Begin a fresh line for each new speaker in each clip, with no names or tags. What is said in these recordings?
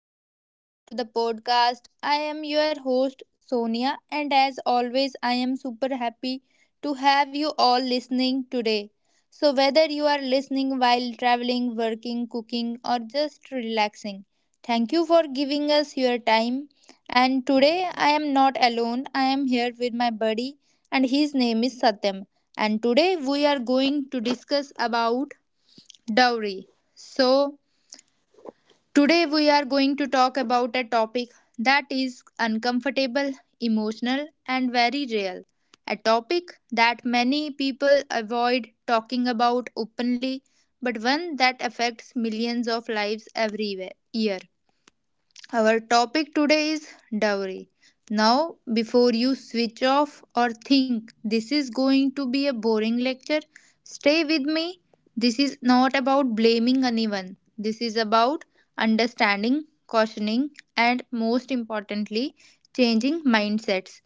And welcome back to the podcast. I am your host Sonia, and as always, I am super happy to have you all listening today. So, whether you are listening while traveling, working, cooking, or just relaxing, thank you for giving us your time. And today, I am not alone, I am here with my buddy, and his name is Satyam. And today, we are going to discuss about dowry. So, today, we are going to talk about a topic that is uncomfortable, emotional, and very real. A topic that many people avoid talking about openly, but one that affects millions of lives every year. Our topic today is dowry. Now, before you switch off or think this is going to be a boring lecture, stay with me. This is not about blaming anyone, this is about understanding, cautioning, and most importantly, changing mindsets.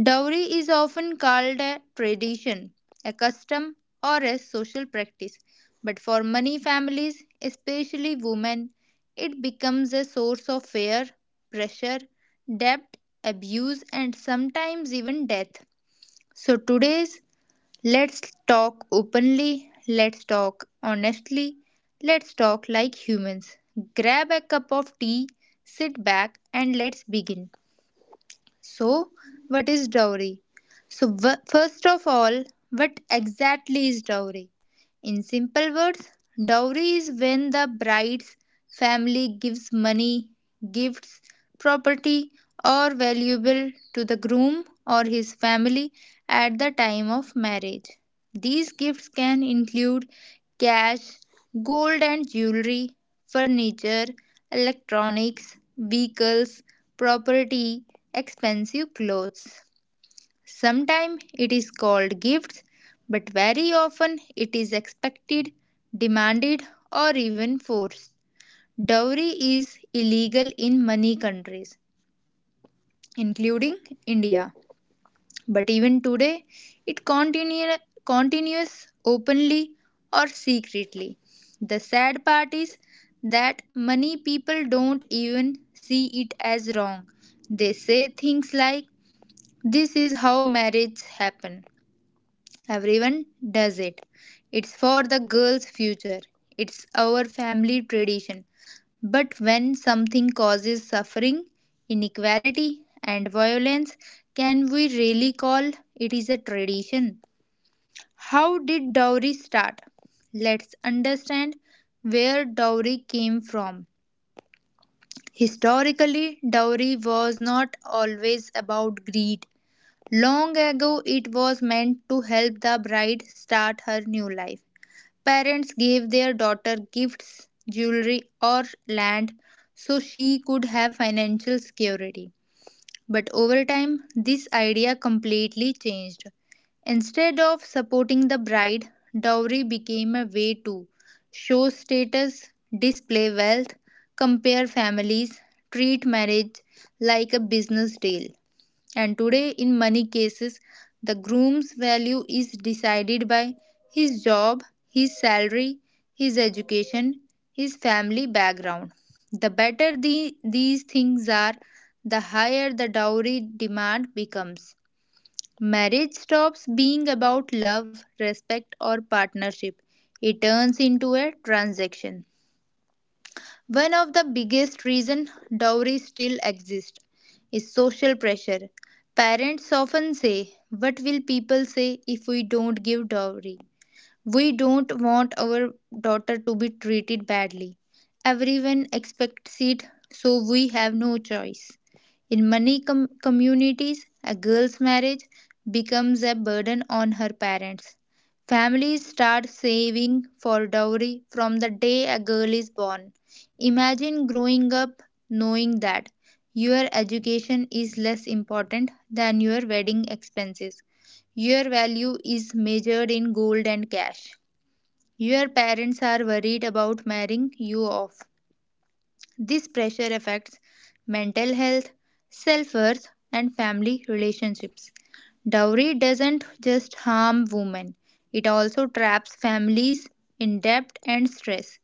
Dowry is often called a tradition, a custom, or a social practice, but for many families, especially women, it becomes a source of fear, pressure, debt, abuse, and sometimes even death. So, today's let's talk openly, let's talk honestly, let's talk like humans. Grab a cup of tea, sit back, and let's begin. So, what is dowry? So, first of all, what exactly is dowry? In simple words, dowry is when the bride's family gives money, gifts, property, or valuable to the groom or his family at the time of marriage. These gifts can include cash, gold and jewelry, furniture, electronics, vehicles, property, expensive clothes. Sometimes it is called gifts, but very often it is expected, demanded, or even forced. Dowry is illegal in many countries, including India. But even today, it continue, continues openly or secretly. The sad part is that many people don't even see it as wrong. They say things like, "This is how marriages happen," "Everyone does it." "It's for the girl's future." "It's our family tradition." But when something causes suffering, inequality, and violence, can we really call it is a tradition? How did dowry start? Let's understand where dowry came from. Historically, dowry was not always about greed. Long ago, it was meant to help the bride start her new life. Parents gave their daughter gifts, jewelry, or land so she could have financial security. But over time, this idea completely changed. Instead of supporting the bride, dowry became a way to show status, display wealth, compare families, treat marriage like a business deal. And today, in many cases, the groom's value is decided by his job, his salary, his education, his family background. The better these things are, the higher the dowry demand becomes. Marriage stops being about love, respect, or partnership. It turns into a transaction. One of the biggest reason dowry still exists is social pressure. Parents often say, "What will people say if we don't give dowry?" "We don't want our daughter to be treated badly." "Everyone expects it, so we have no choice." In many communities, a girl's marriage becomes a burden on her parents. Families start saving for dowry from the day a girl is born. Imagine growing up knowing that your education is less important than your wedding expenses. Your value is measured in gold and cash. Your parents are worried about marrying you off. This pressure affects mental health, self worth, and family relationships. Dowry doesn't just harm women, it also traps families in debt and stress.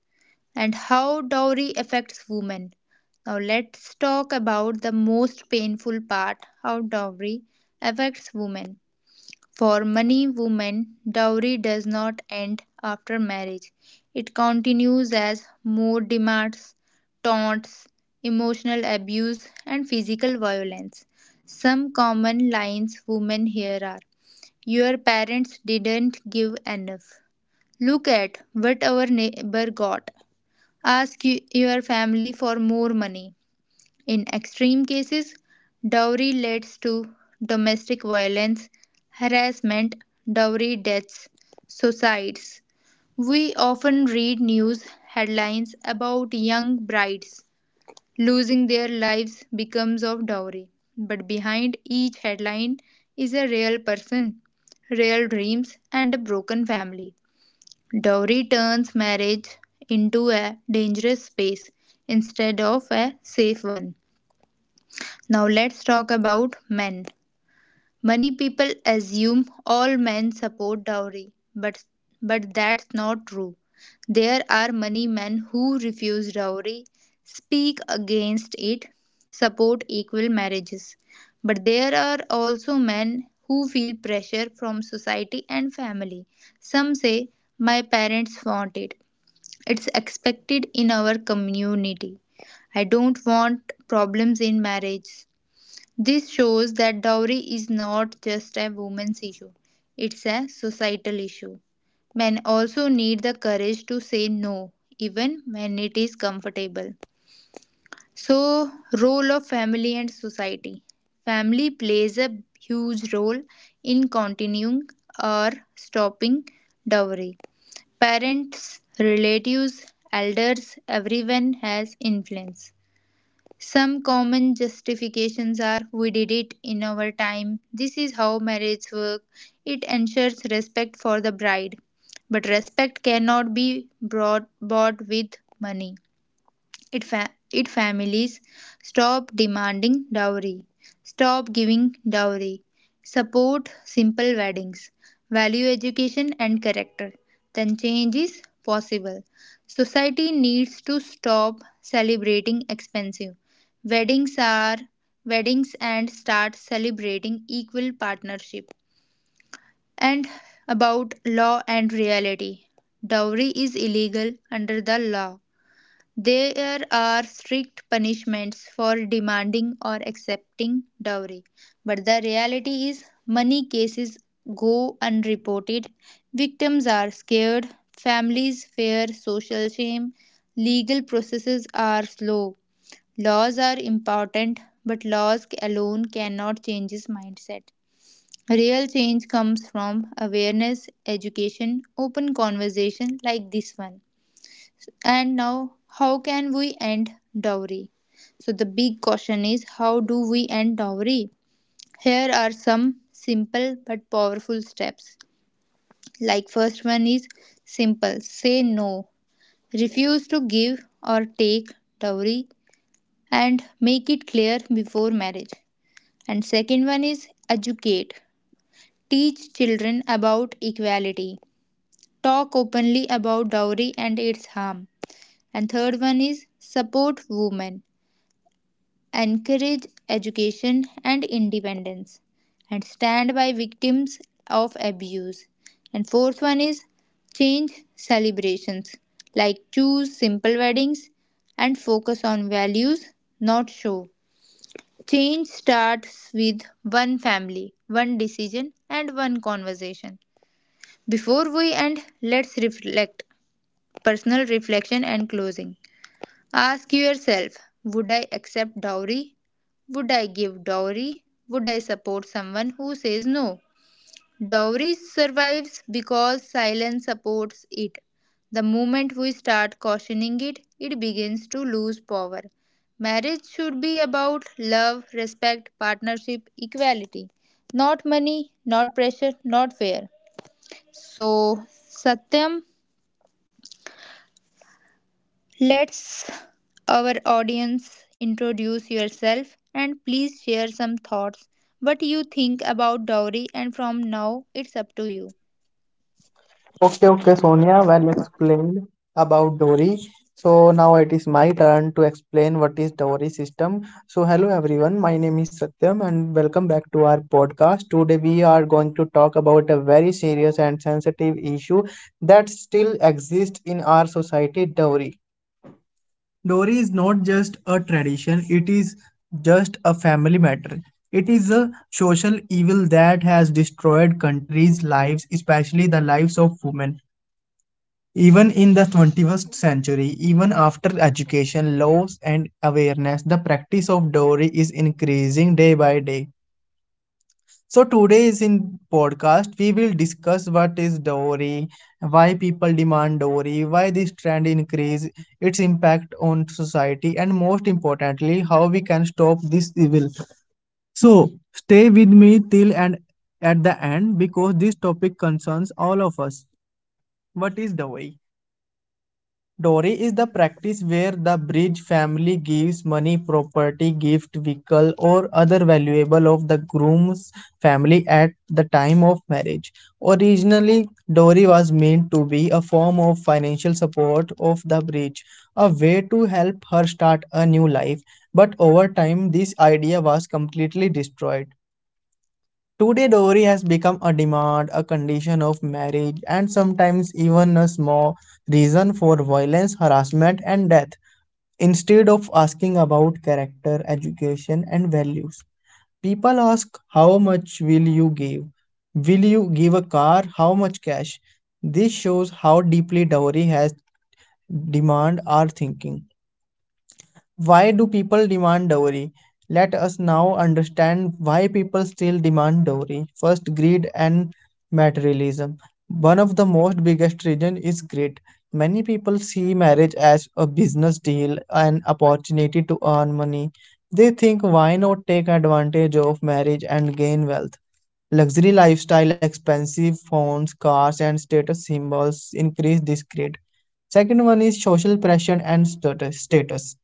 And how dowry affects women. Now, let's talk about the most painful part: how dowry affects women. For many women, dowry does not end after marriage. It continues as more demands, taunts, emotional abuse, and physical violence. Some common lines women hear are: "Your parents didn't give enough." "Look at what our neighbor got." "Ask your family for more money." In extreme cases, dowry leads to domestic violence, harassment, dowry deaths, suicides. We often read news headlines about young brides losing their lives because of dowry. But behind each headline is a real person, real dreams, and a broken family. Dowry turns marriage into a dangerous space instead of a safe one. Now let's talk about men. Many people assume all men support dowry, but that's not true. There are many men who refuse dowry, speak against it, support equal marriages. But there are also men who feel pressure from society and family. Some say, "My parents want it." "It's expected in our community." "I don't want problems in marriage." This shows that dowry is not just a woman's issue, it's a societal issue. Men also need the courage to say no, even when it is comfortable. So, role of family and society. Family plays a huge role in continuing or stopping dowry. Parents, relatives, elders, everyone has influence. Some common justifications are: "we did it in our time," "this is how marriage works," "it ensures respect for the bride." But respect cannot be brought, bought with money. It, fa- it families stop demanding dowry, stop giving dowry, support simple weddings, value education and character. Then change is possible. Society needs to stop celebrating expensive weddings are weddings and start celebrating equal partnership. And about law and reality. Dowry is illegal under the law. There are strict punishments for demanding or accepting dowry, but the reality is money cases go unreported. Victims are scared, families fear social shame, legal processes are slow. Laws are important, but laws alone cannot change this mindset. Real change comes from awareness, education, open conversation like this one. And now, how can we end dowry? So, the big question is how do we end dowry? Here are some simple but powerful steps. Like, first one is simple: say no, refuse to give or take dowry, and make it clear before marriage. And second one is educate, teach children about equality, talk openly about dowry and its harm. And third one is support women, encourage education and independence, and stand by victims of abuse. And fourth one is change celebrations, like choose simple weddings and focus on values, not show. Change starts with one family, one decision, and one conversation. Before we end, let's reflect: personal reflection and closing. Ask yourself: Would I accept dowry? Would I give dowry? Would I support someone who says no? Dowry survives because silence supports it. The moment we start cautioning it, it begins to lose power. Marriage should be about love, respect, partnership, equality. Not money, not pressure, not fear. So, Satyam, let's our audience introduce yourself and please share some thoughts. What you think about dowry and from now it's up to you.
Okay, okay, Sonia, well explained about Dory. So now it is my turn to explain what is Dory system. So hello everyone, my name is Satyam and welcome back to our podcast. Today we are going to talk about a very serious and sensitive issue that still exists in our society, Dory. Dory is not just a tradition, it is just a family matter. It is a social evil that has destroyed countries' lives, especially the lives of women. Even in the 21st century, even after education, laws, and awareness, the practice of dowry is increasing day by day. So today is in podcast we will discuss what is dowry, why people demand dowry, why this trend increase, its impact on society, and most importantly, how we can stop this evil. So stay with me till and at the end because this topic concerns all of us. What is dowry? Dowry is the practice where the bridge family gives money, property, gift, vehicle, or other valuable of the groom's family at the time of marriage. Originally, dowry was meant to be a form of financial support of the bride, a way to help her start a new life. But over time, this idea was completely destroyed. Today, dowry has become a demand, a condition of marriage, and sometimes even a small reason for violence, harassment, and death, instead of asking about character, education, and values. People ask, how much will you give? Will you give a car? How much cash? This shows how deeply dowry has demand our thinking. Why do people demand dowry? Let us now understand why people still demand dowry. First, greed and materialism. One of the most biggest reason is greed. Many people see marriage as a business deal, an opportunity to earn money. They think why not take advantage of marriage and gain wealth? Luxury lifestyle, expensive phones, cars, and status symbols increase this greed. Second one is social pressure and status.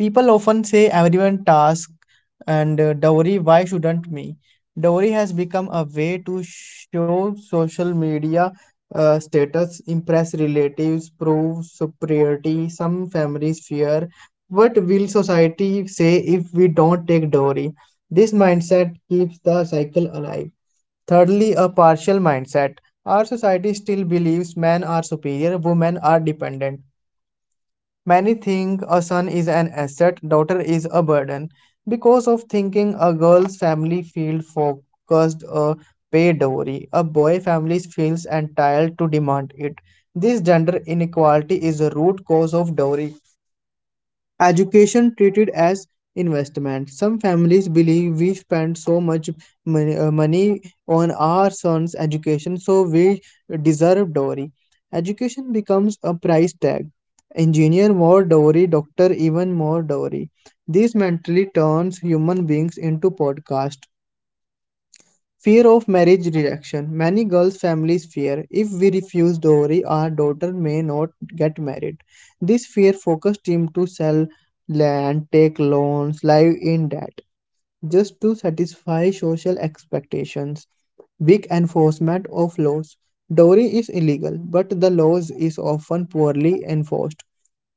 People often say everyone task and dowry, why shouldn't me? Dowry has become a way to show social media status, impress relatives, prove superiority. Some families fear what will society say if we don't take dowry? This mindset keeps the cycle alive. Thirdly, a partial mindset. Our society still believes men are superior, women are dependent. Many think a son is an asset, daughter is a burden. Because of thinking, a girl's family feel focused a pay dowry. A boy family feels entitled to demand it. This gender inequality is the root cause of dowry. Education treated as investment. Some families believe we spend so much money on our son's education, so we deserve dowry. Education becomes a price tag. Engineer more dowry, doctor even more dowry. This mentally turns human beings into podcast. Fear of marriage rejection. Many girls' families fear if we refuse dowry, our daughter may not get married. This fear focused him to sell land, take loans, live in debt, just to satisfy social expectations. Weak enforcement of laws. Dowry is illegal, but the laws is often poorly enforced.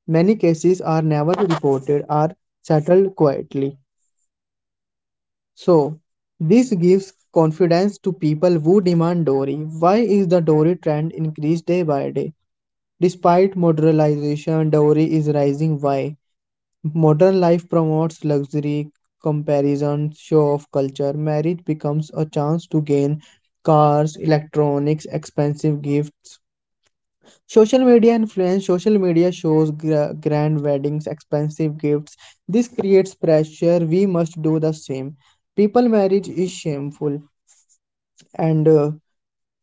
Many cases are never reported or settled quietly. So, this gives confidence to people who demand dowry. Why is the dowry trend increased day by day? Despite modernization, dowry is rising. Why? Modern life promotes luxury, comparison, show of culture. Marriage becomes a chance to gain cars, electronics, expensive gifts. Social media influence. Social media shows grand weddings, expensive gifts. This creates pressure. We must do the same. People marriage is shameful and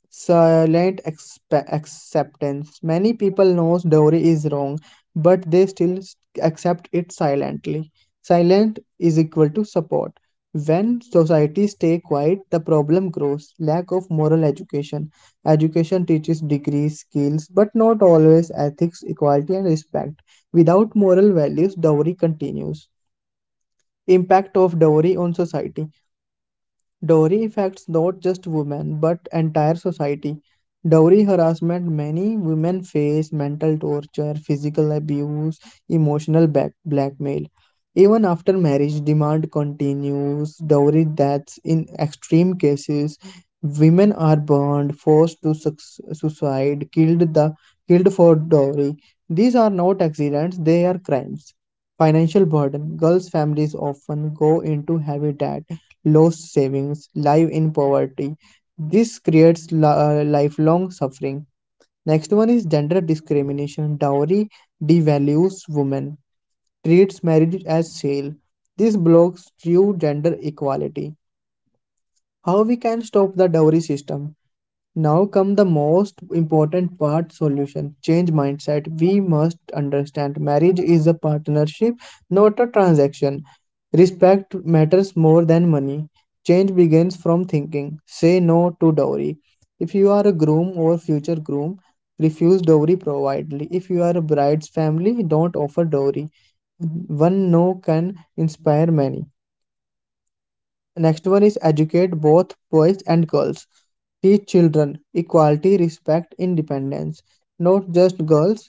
silent acceptance. Many people knows dowry is wrong, but they still accept it silently. Silent is equal to support. When societies stay quiet, the problem grows. Lack of moral education. Education teaches degrees, skills, but not always ethics, equality, and respect. Without moral values, dowry continues. Impact of dowry on society. Dowry affects not just women but entire society. Dowry harassment many women face mental torture, physical abuse, emotional blackmail. Even after marriage, demand continues. Dowry deaths in extreme cases. Women are burned, forced to suicide, killed for dowry. These are not accidents; they are crimes. Financial burden. Girls' families often go into heavy debt low savings, live in poverty. This creates lifelong suffering. Next one is gender discrimination. Dowry devalues women, treats marriage as sale. This blocks true gender equality. How we can stop the dowry system? Now come the most important part solution change mindset. We must understand marriage is a partnership, not a transaction. Respect matters more than money. Change begins from thinking. Say no to dowry. If you are a groom or future groom, refuse dowry providedly. If you are a bride's family, don't offer dowry. One no can inspire many. Next one is educate both boys and girls. Teach children equality, respect, independence. Not just girls,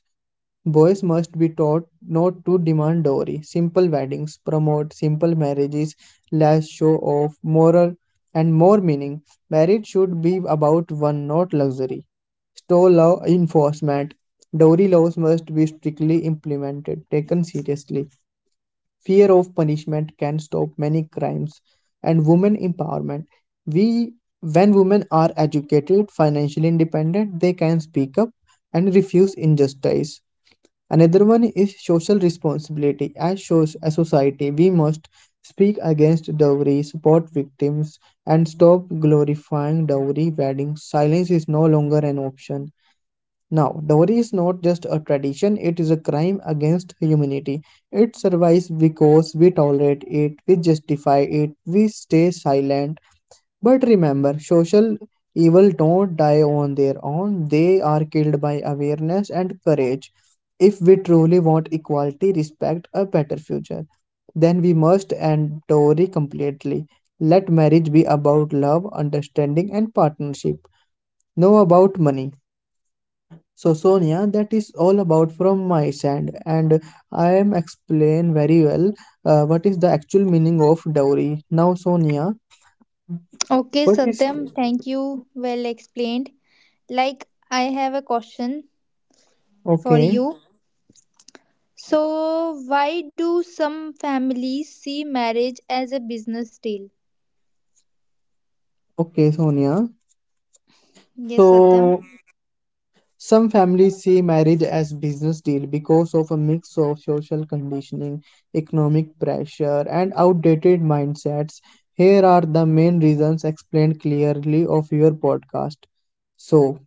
boys must be taught not to demand dowry. Simple weddings, promote simple marriages, less show of moral and more meaning. Marriage should be about one, not luxury. Store law enforcement. Dowry laws must be strictly implemented, taken seriously fear of punishment can stop many crimes and women empowerment we when women are educated financially independent they can speak up and refuse injustice. Another one is social responsibility as shows a society we must speak against dowry support victims and stop glorifying dowry weddings silence is no longer an option. Now, dowry is not just a tradition, it is a crime against humanity. It survives because we tolerate it, we justify it, we stay silent. But remember, social evil don't die on their own, they are killed by awareness and courage. If we truly want equality, respect, a better future, then we must end dowry completely. Let marriage be about love, understanding, and partnership, no about money. So Sonia, that is all about from my side, and I am explain very well what is the actual meaning of dowry. Now Sonia,
Okay,
what is
Satyam, thank you. Well explained. Like, I have a question for
okay,
you. So, why do some families see marriage as a business deal?
okay Sonia.
Yes, Satyam.
So some families see marriage as business deal because of a mix of social conditioning, economic pressure, and outdated mindsets. Here are the main reasons explained clearly of your podcast. So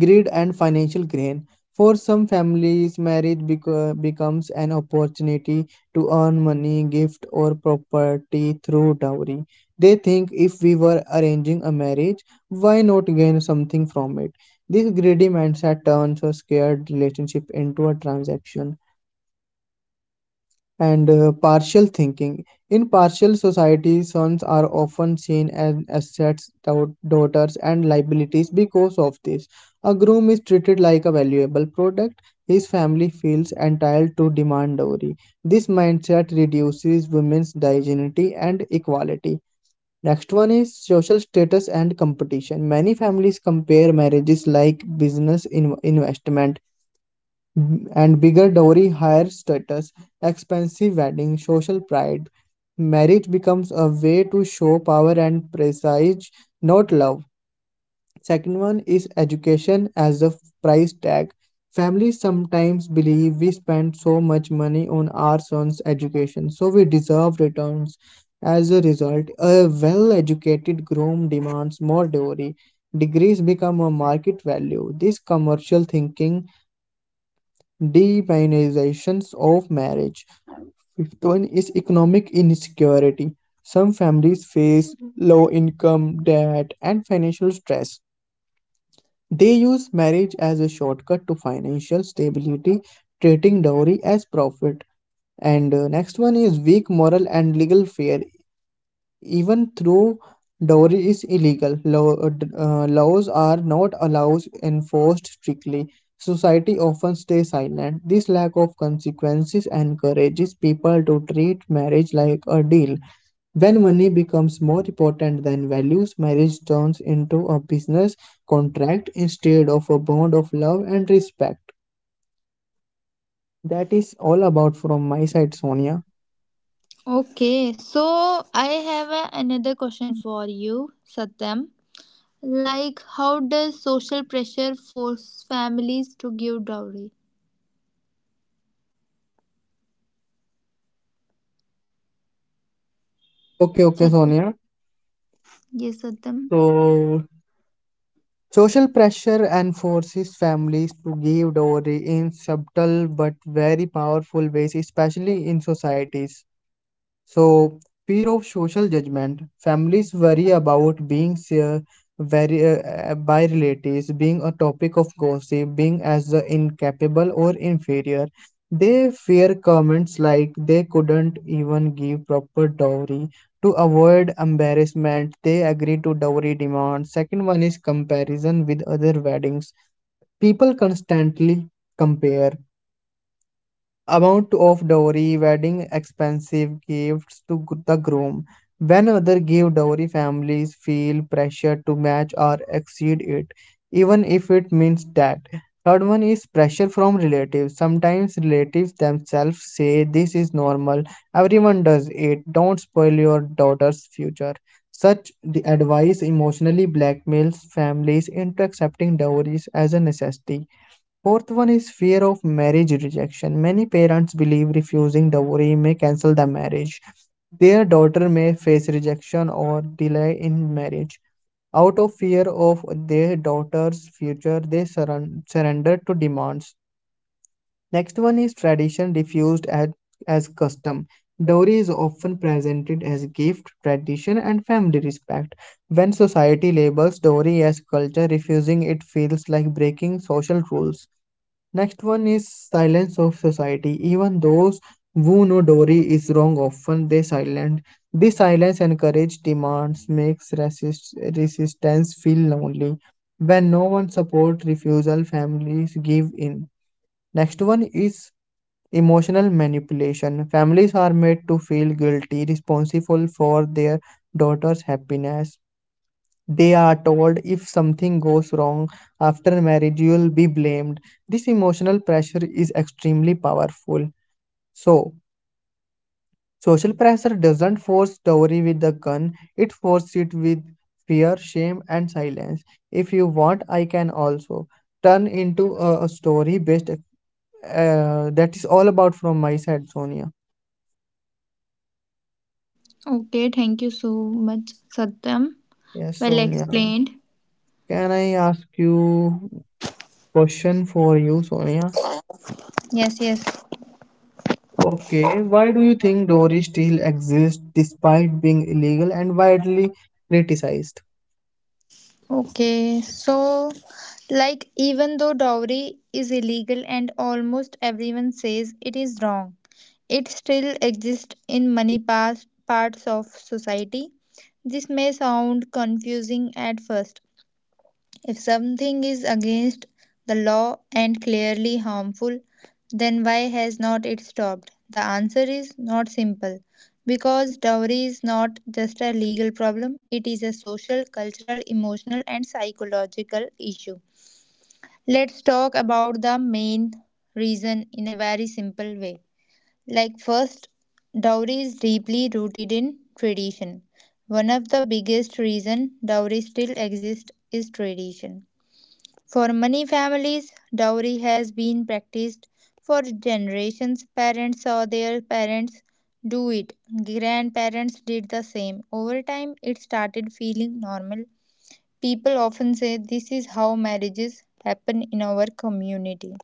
greed and financial gain. For some families, marriage becomes an opportunity to earn money, gift, or property through dowry. They think if we were arranging a marriage, why not gain something from it? This greedy mindset turns a scared relationship into a transaction and partial thinking. In partial society, sons are often seen as assets, daughters, and liabilities because of this. A groom is treated like a valuable product. His family feels entitled to demand dowry. This mindset reduces women's dignity and equality. Next one is social status and competition. Many families compare marriages like business investment and bigger dowry, higher status, expensive wedding, social pride. Marriage becomes a way to show power and prestige, not love. Second one is education as a price tag. Families sometimes believe we spend so much money on our sons' education, so we deserve returns. As a result, a well educated groom demands more dowry. Degrees become a market value. This commercial thinking demonizations of marriage. Fifth one is economic insecurity. Some families face low income, debt, and financial stress. They use marriage as a shortcut to financial stability, treating dowry as profit. And next one is weak moral and legal fear. Even though dowry is illegal, laws are not allows enforced strictly. Society often stays silent. This lack of consequences encourages people to treat marriage like a deal. When money becomes more important than values, marriage turns into a business contract instead of a bond of love and respect. That is all about from my side, Sonia.
Okay, so I have a, another question for you, Satyam. Like, how does social pressure force families to give dowry?
Okay, okay,
Satyam.
Sonia.
Yes, Satyam.
So social pressure and forces families to give dowry in subtle but very powerful ways, especially in societies so, fear of social judgment. Families worry about by relatives, being a topic of gossip, being as incapable or inferior. They fear comments like they couldn't even give proper dowry. To avoid embarrassment, they agree to dowry demands. Second one is comparison with other weddings. People constantly compare amount of dowry, wedding expensive gifts to the groom. When others give dowry, families feel pressure to match or exceed it, even if it means that. Third one is pressure from relatives. Sometimes relatives themselves say this is normal, everyone does it, don't spoil your daughter's future. Such the advice emotionally blackmails families into accepting dowries as a necessity. Fourth one is fear of marriage rejection. Many parents believe refusing dowry may cancel the marriage. Their daughter may face rejection or delay in marriage. Out of fear of their daughter's future, they surrender to demands. Next one is tradition refused as custom. Dowry is often presented as gift, tradition, and family respect. When society labels dowry as culture, refusing it feels like breaking social rules. Next one is silence of society. Even those who know Dory is wrong often they silent. This silence encourages demands, makes resistance feel lonely. When no one supports refusal, families give in. Next one is emotional manipulation. Families are made to feel guilty, responsible for their daughter's happiness. They are told if something goes wrong after marriage, you will be blamed. This emotional pressure is extremely powerful. So, social pressure doesn't force dowry with a gun, it forces it with fear, shame, and silence. If you want, I can also turn into a story based. That is all about from my side, Sonia.
Okay, thank you so much, Satyam.
Yes,
Well
Sonia.
explained.
Can I ask you question for you, Sonia?
Yes, yes.
Okay, why do you think Dory still exists despite being illegal and widely criticized?
Okay, so, like, even though dowry is illegal and almost everyone says it is wrong, it still exists in many past parts of society. This may sound confusing at first, if something is against the law and clearly harmful, then why has not it stopped? The answer is not simple because dowry is not just a legal problem, it is a social, cultural, emotional, and psychological issue. Let's talk about the main reason in a very simple way. Like, first, dowry is deeply rooted in tradition. One of the biggest reason dowry still exists is tradition. For many families, dowry has been practiced for generations. Parents saw their parents do it, grandparents did the same. Over time, it started feeling normal. People often say, "This is how marriages happen in our community."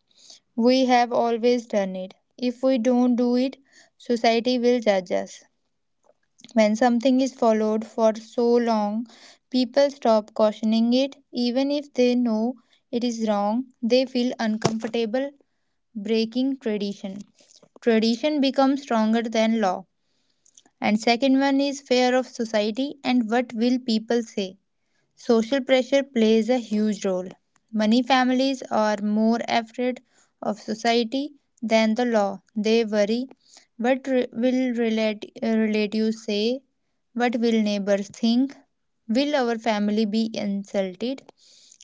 "We have always done it. If we don't do it, society will judge us." When something is followed for so long, people stop cautioning it. Even if they know it is wrong, they feel uncomfortable breaking tradition. Tradition becomes stronger than law. And second one is fear of society and what will people say. Social pressure plays a huge role. Money families are more afraid of society than the law. They worry what will relatives say, what will neighbors think, will our family be insulted.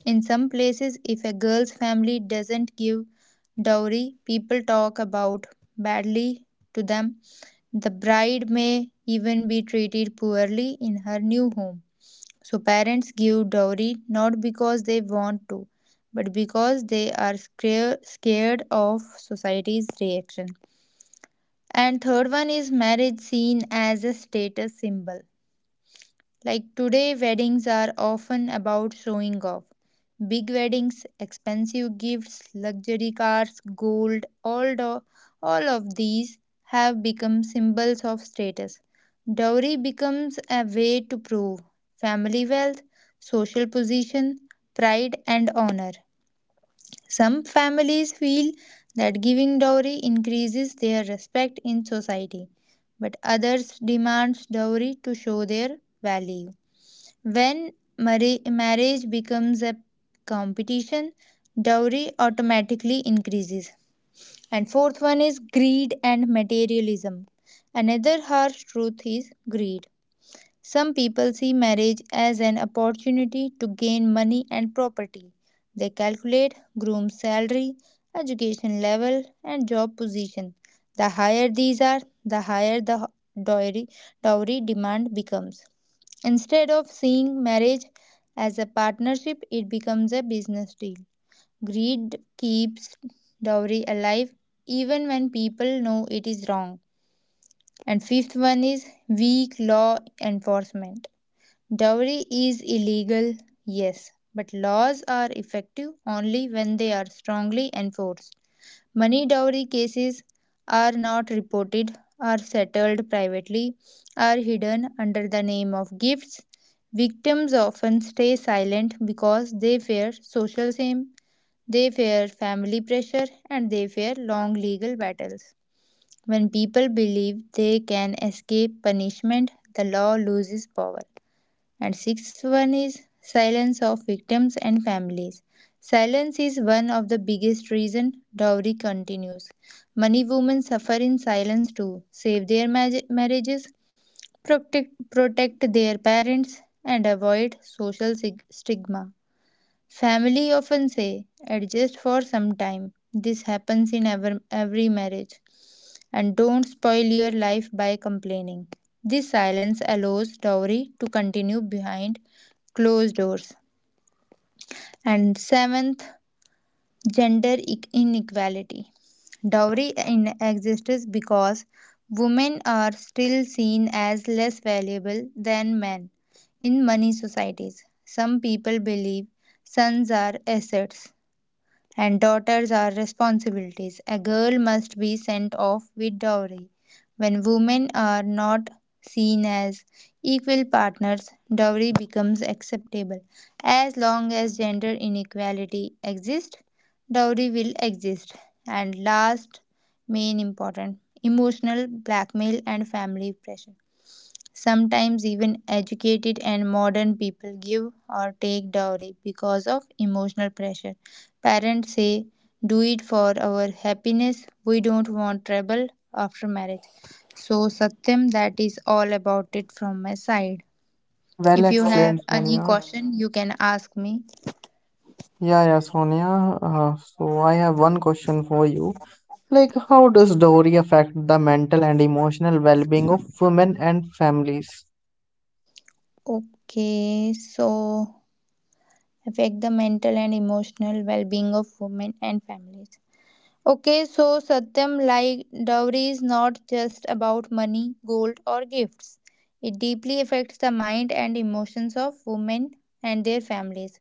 In some places, if a girl's family doesn't give dowry, people talk about badly to them. The bride may even be treated poorly in her new home. So parents give dowry not because they want to, but because they are scared of society's reaction. And third one is marriage seen as a status symbol. Like today, weddings are often about showing off: big weddings, expensive gifts, luxury cars, gold, all of these have become symbols of status. Dowry becomes a way to prove family wealth, social position, pride, and honor. Some families feel that giving dowry increases their respect in society, but others demand dowry to show their value. When marriage becomes a competition, dowry automatically increases. And fourth one is greed and materialism. Another harsh truth is greed. Some people see marriage as an opportunity to gain money and property. They calculate groom's salary, education level, and job position. The higher these are, the higher the dowry, dowry demand becomes. Instead of seeing marriage as a partnership, it becomes a business deal. Greed keeps dowry alive even when people know it is wrong. And fifth one is weak law enforcement. Dowry is illegal, yes, but laws are effective only when they are strongly enforced. Money dowry cases are not reported, are settled privately, are hidden under the name of gifts. Victims often stay silent because they fear social shame, they fear family pressure, and they fear long legal battles. When people believe they can escape punishment, the law loses power. And sixth one is silence of victims and families. Silence is one of the biggest reason dowry continues. Many women suffer in silence to save their marriages, protect their parents, and avoid social stigma. Family often say, adjust for some time. This happens in every marriage. And don't spoil your life by complaining. This silence allows dowry to continue behind closed doors. And seventh, gender inequality. Dowry in exists because women are still seen as less valuable than men in many societies. Some people believe sons are assets and daughters are responsibilities. A girl must be sent off with dowry. When women are not seen as equal partners, dowry becomes acceptable. As long as gender inequality exists, dowry will exist. And last, main important emotional blackmail and family pressure. Sometimes even educated and modern people give or take dowry because of emotional pressure. Parents say, do it for our happiness, we don't want trouble after marriage. So, Satyam, that is all about it from my side.
Well
If you have
explained,
any
Sonia.
question, you can ask me.
Yeah, yeah, Sonia. So I have one question for you. Like, how does dowry affect the mental and emotional well-being of women and families?
Okay, so affect the mental and emotional well being of women and families. Okay, so Satyam, like dowry is not just about money, gold, or gifts. It deeply affects the mind and emotions of women and their families.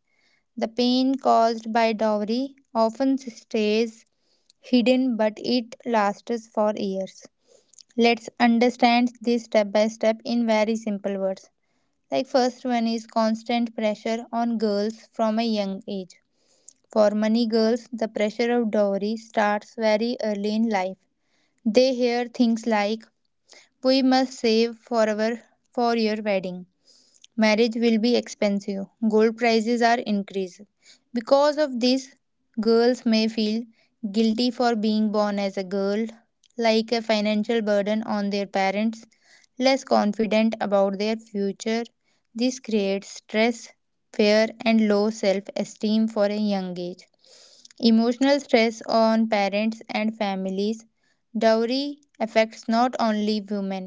The pain caused by dowry often stays hidden, but it lasts for years. Let's understand this step by step in very simple words. Like, first one is constant pressure on girls from a young age. For many girls, the pressure of dowry starts very early in life. They hear things like, we must save forever for your wedding, marriage will be expensive, gold prices are increased. Because of this, girls may feel guilty for being born as a girl, like a financial burden on their parents, less confident about their future. This creates stress, fear, and low self esteem for a young age. Emotional stress on parents and families. Dowry affects not only women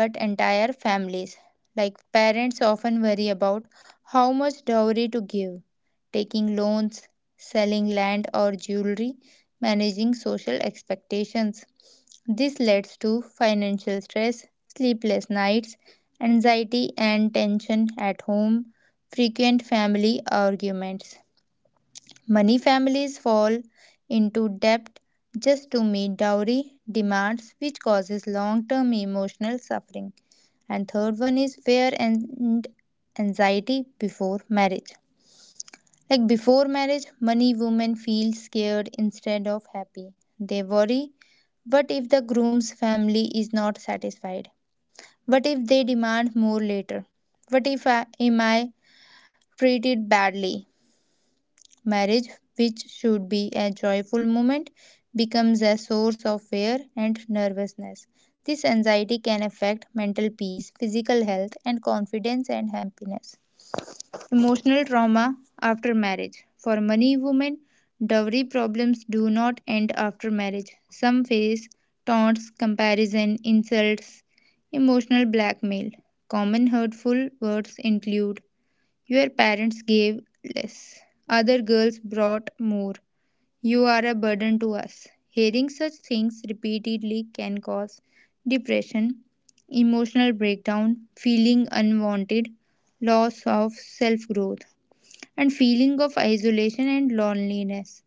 but entire families. Like parents often worry about how much dowry to give, taking loans, selling land or jewelry, managing social expectations. This leads to financial stress, sleepless nights, anxiety, and tension at home, frequent family arguments. Many families fall into debt just to meet dowry demands, which causes long term emotional suffering. And third one is fear and anxiety before marriage. Like before marriage, many women feel scared instead of happy. They worry, what if the groom's family is not satisfied? What if they demand more later? What if am I treated badly? Marriage, which should be a joyful moment, becomes a source of fear and nervousness. This anxiety can affect mental peace, physical health, and confidence and happiness. Emotional trauma after marriage. For many women, dowry problems do not end after marriage. Some face taunts, comparison, insults, emotional blackmail. Common hurtful words include, your parents gave less. Other girls brought more. You are a burden to us. Hearing such things repeatedly can cause depression, emotional breakdown, feeling unwanted, loss of self growth, and feeling of isolation and loneliness.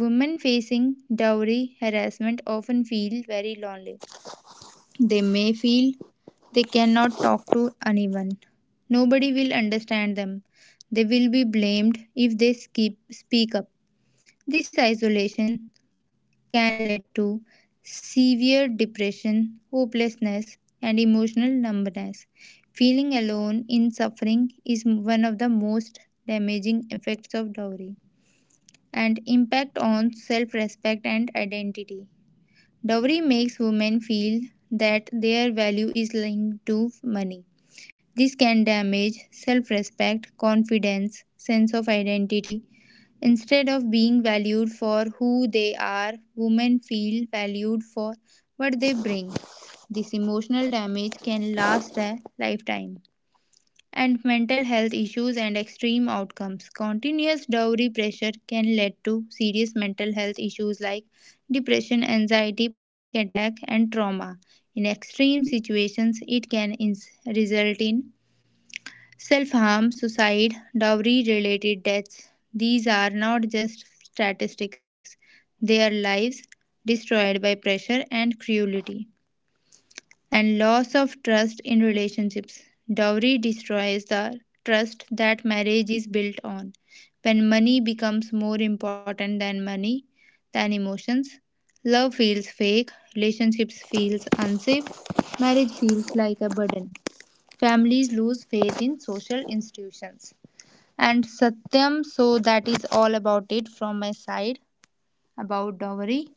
Women facing dowry harassment often feel very lonely. They may feel they cannot talk to anyone. Nobody will understand them. They will be blamed if they speak up. This isolation can lead to severe depression, hopelessness, and emotional numbness. Feeling alone in suffering is one of the most damaging effects of dowry. And impact on self-respect and identity. Dowry makes women feel that their value is linked to money. This can damage self respect, confidence, sense of identity. Instead of being valued for who they are, women feel valued for what they bring. This emotional damage can last a lifetime. And mental health issues and extreme outcomes. Continuous dowry pressure can lead to serious mental health issues like depression, anxiety, panic attack, and trauma. In extreme situations, it can result in self harm, suicide, dowry related deaths. These are not just statistics, they are lives destroyed by pressure and cruelty. And loss of trust in relationships. Dowry destroys the trust that marriage is built on. When money becomes more important than emotions, love feels fake, relationships feels unsafe, marriage feels like a burden. Families lose faith in social institutions. And Satyam, so that is all about it from my side about dowry.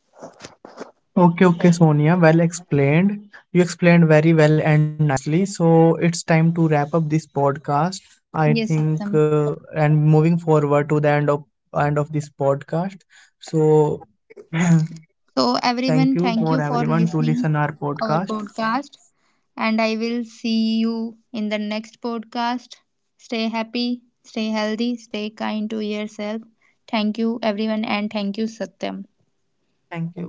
Okay, okay, Sonia, well explained. You explained very well and nicely. So it's time to wrap up this podcast. I
Yes,
think,
Satyam.
and moving forward to the end of this podcast. So
So,
thank you
everyone,
for
thank you for
everyone to listen
listening
our podcast.
our podcast, and I will see you in the next podcast. Stay happy, stay healthy, stay kind to yourself. Thank you everyone, and thank you Satyam.
Thank you,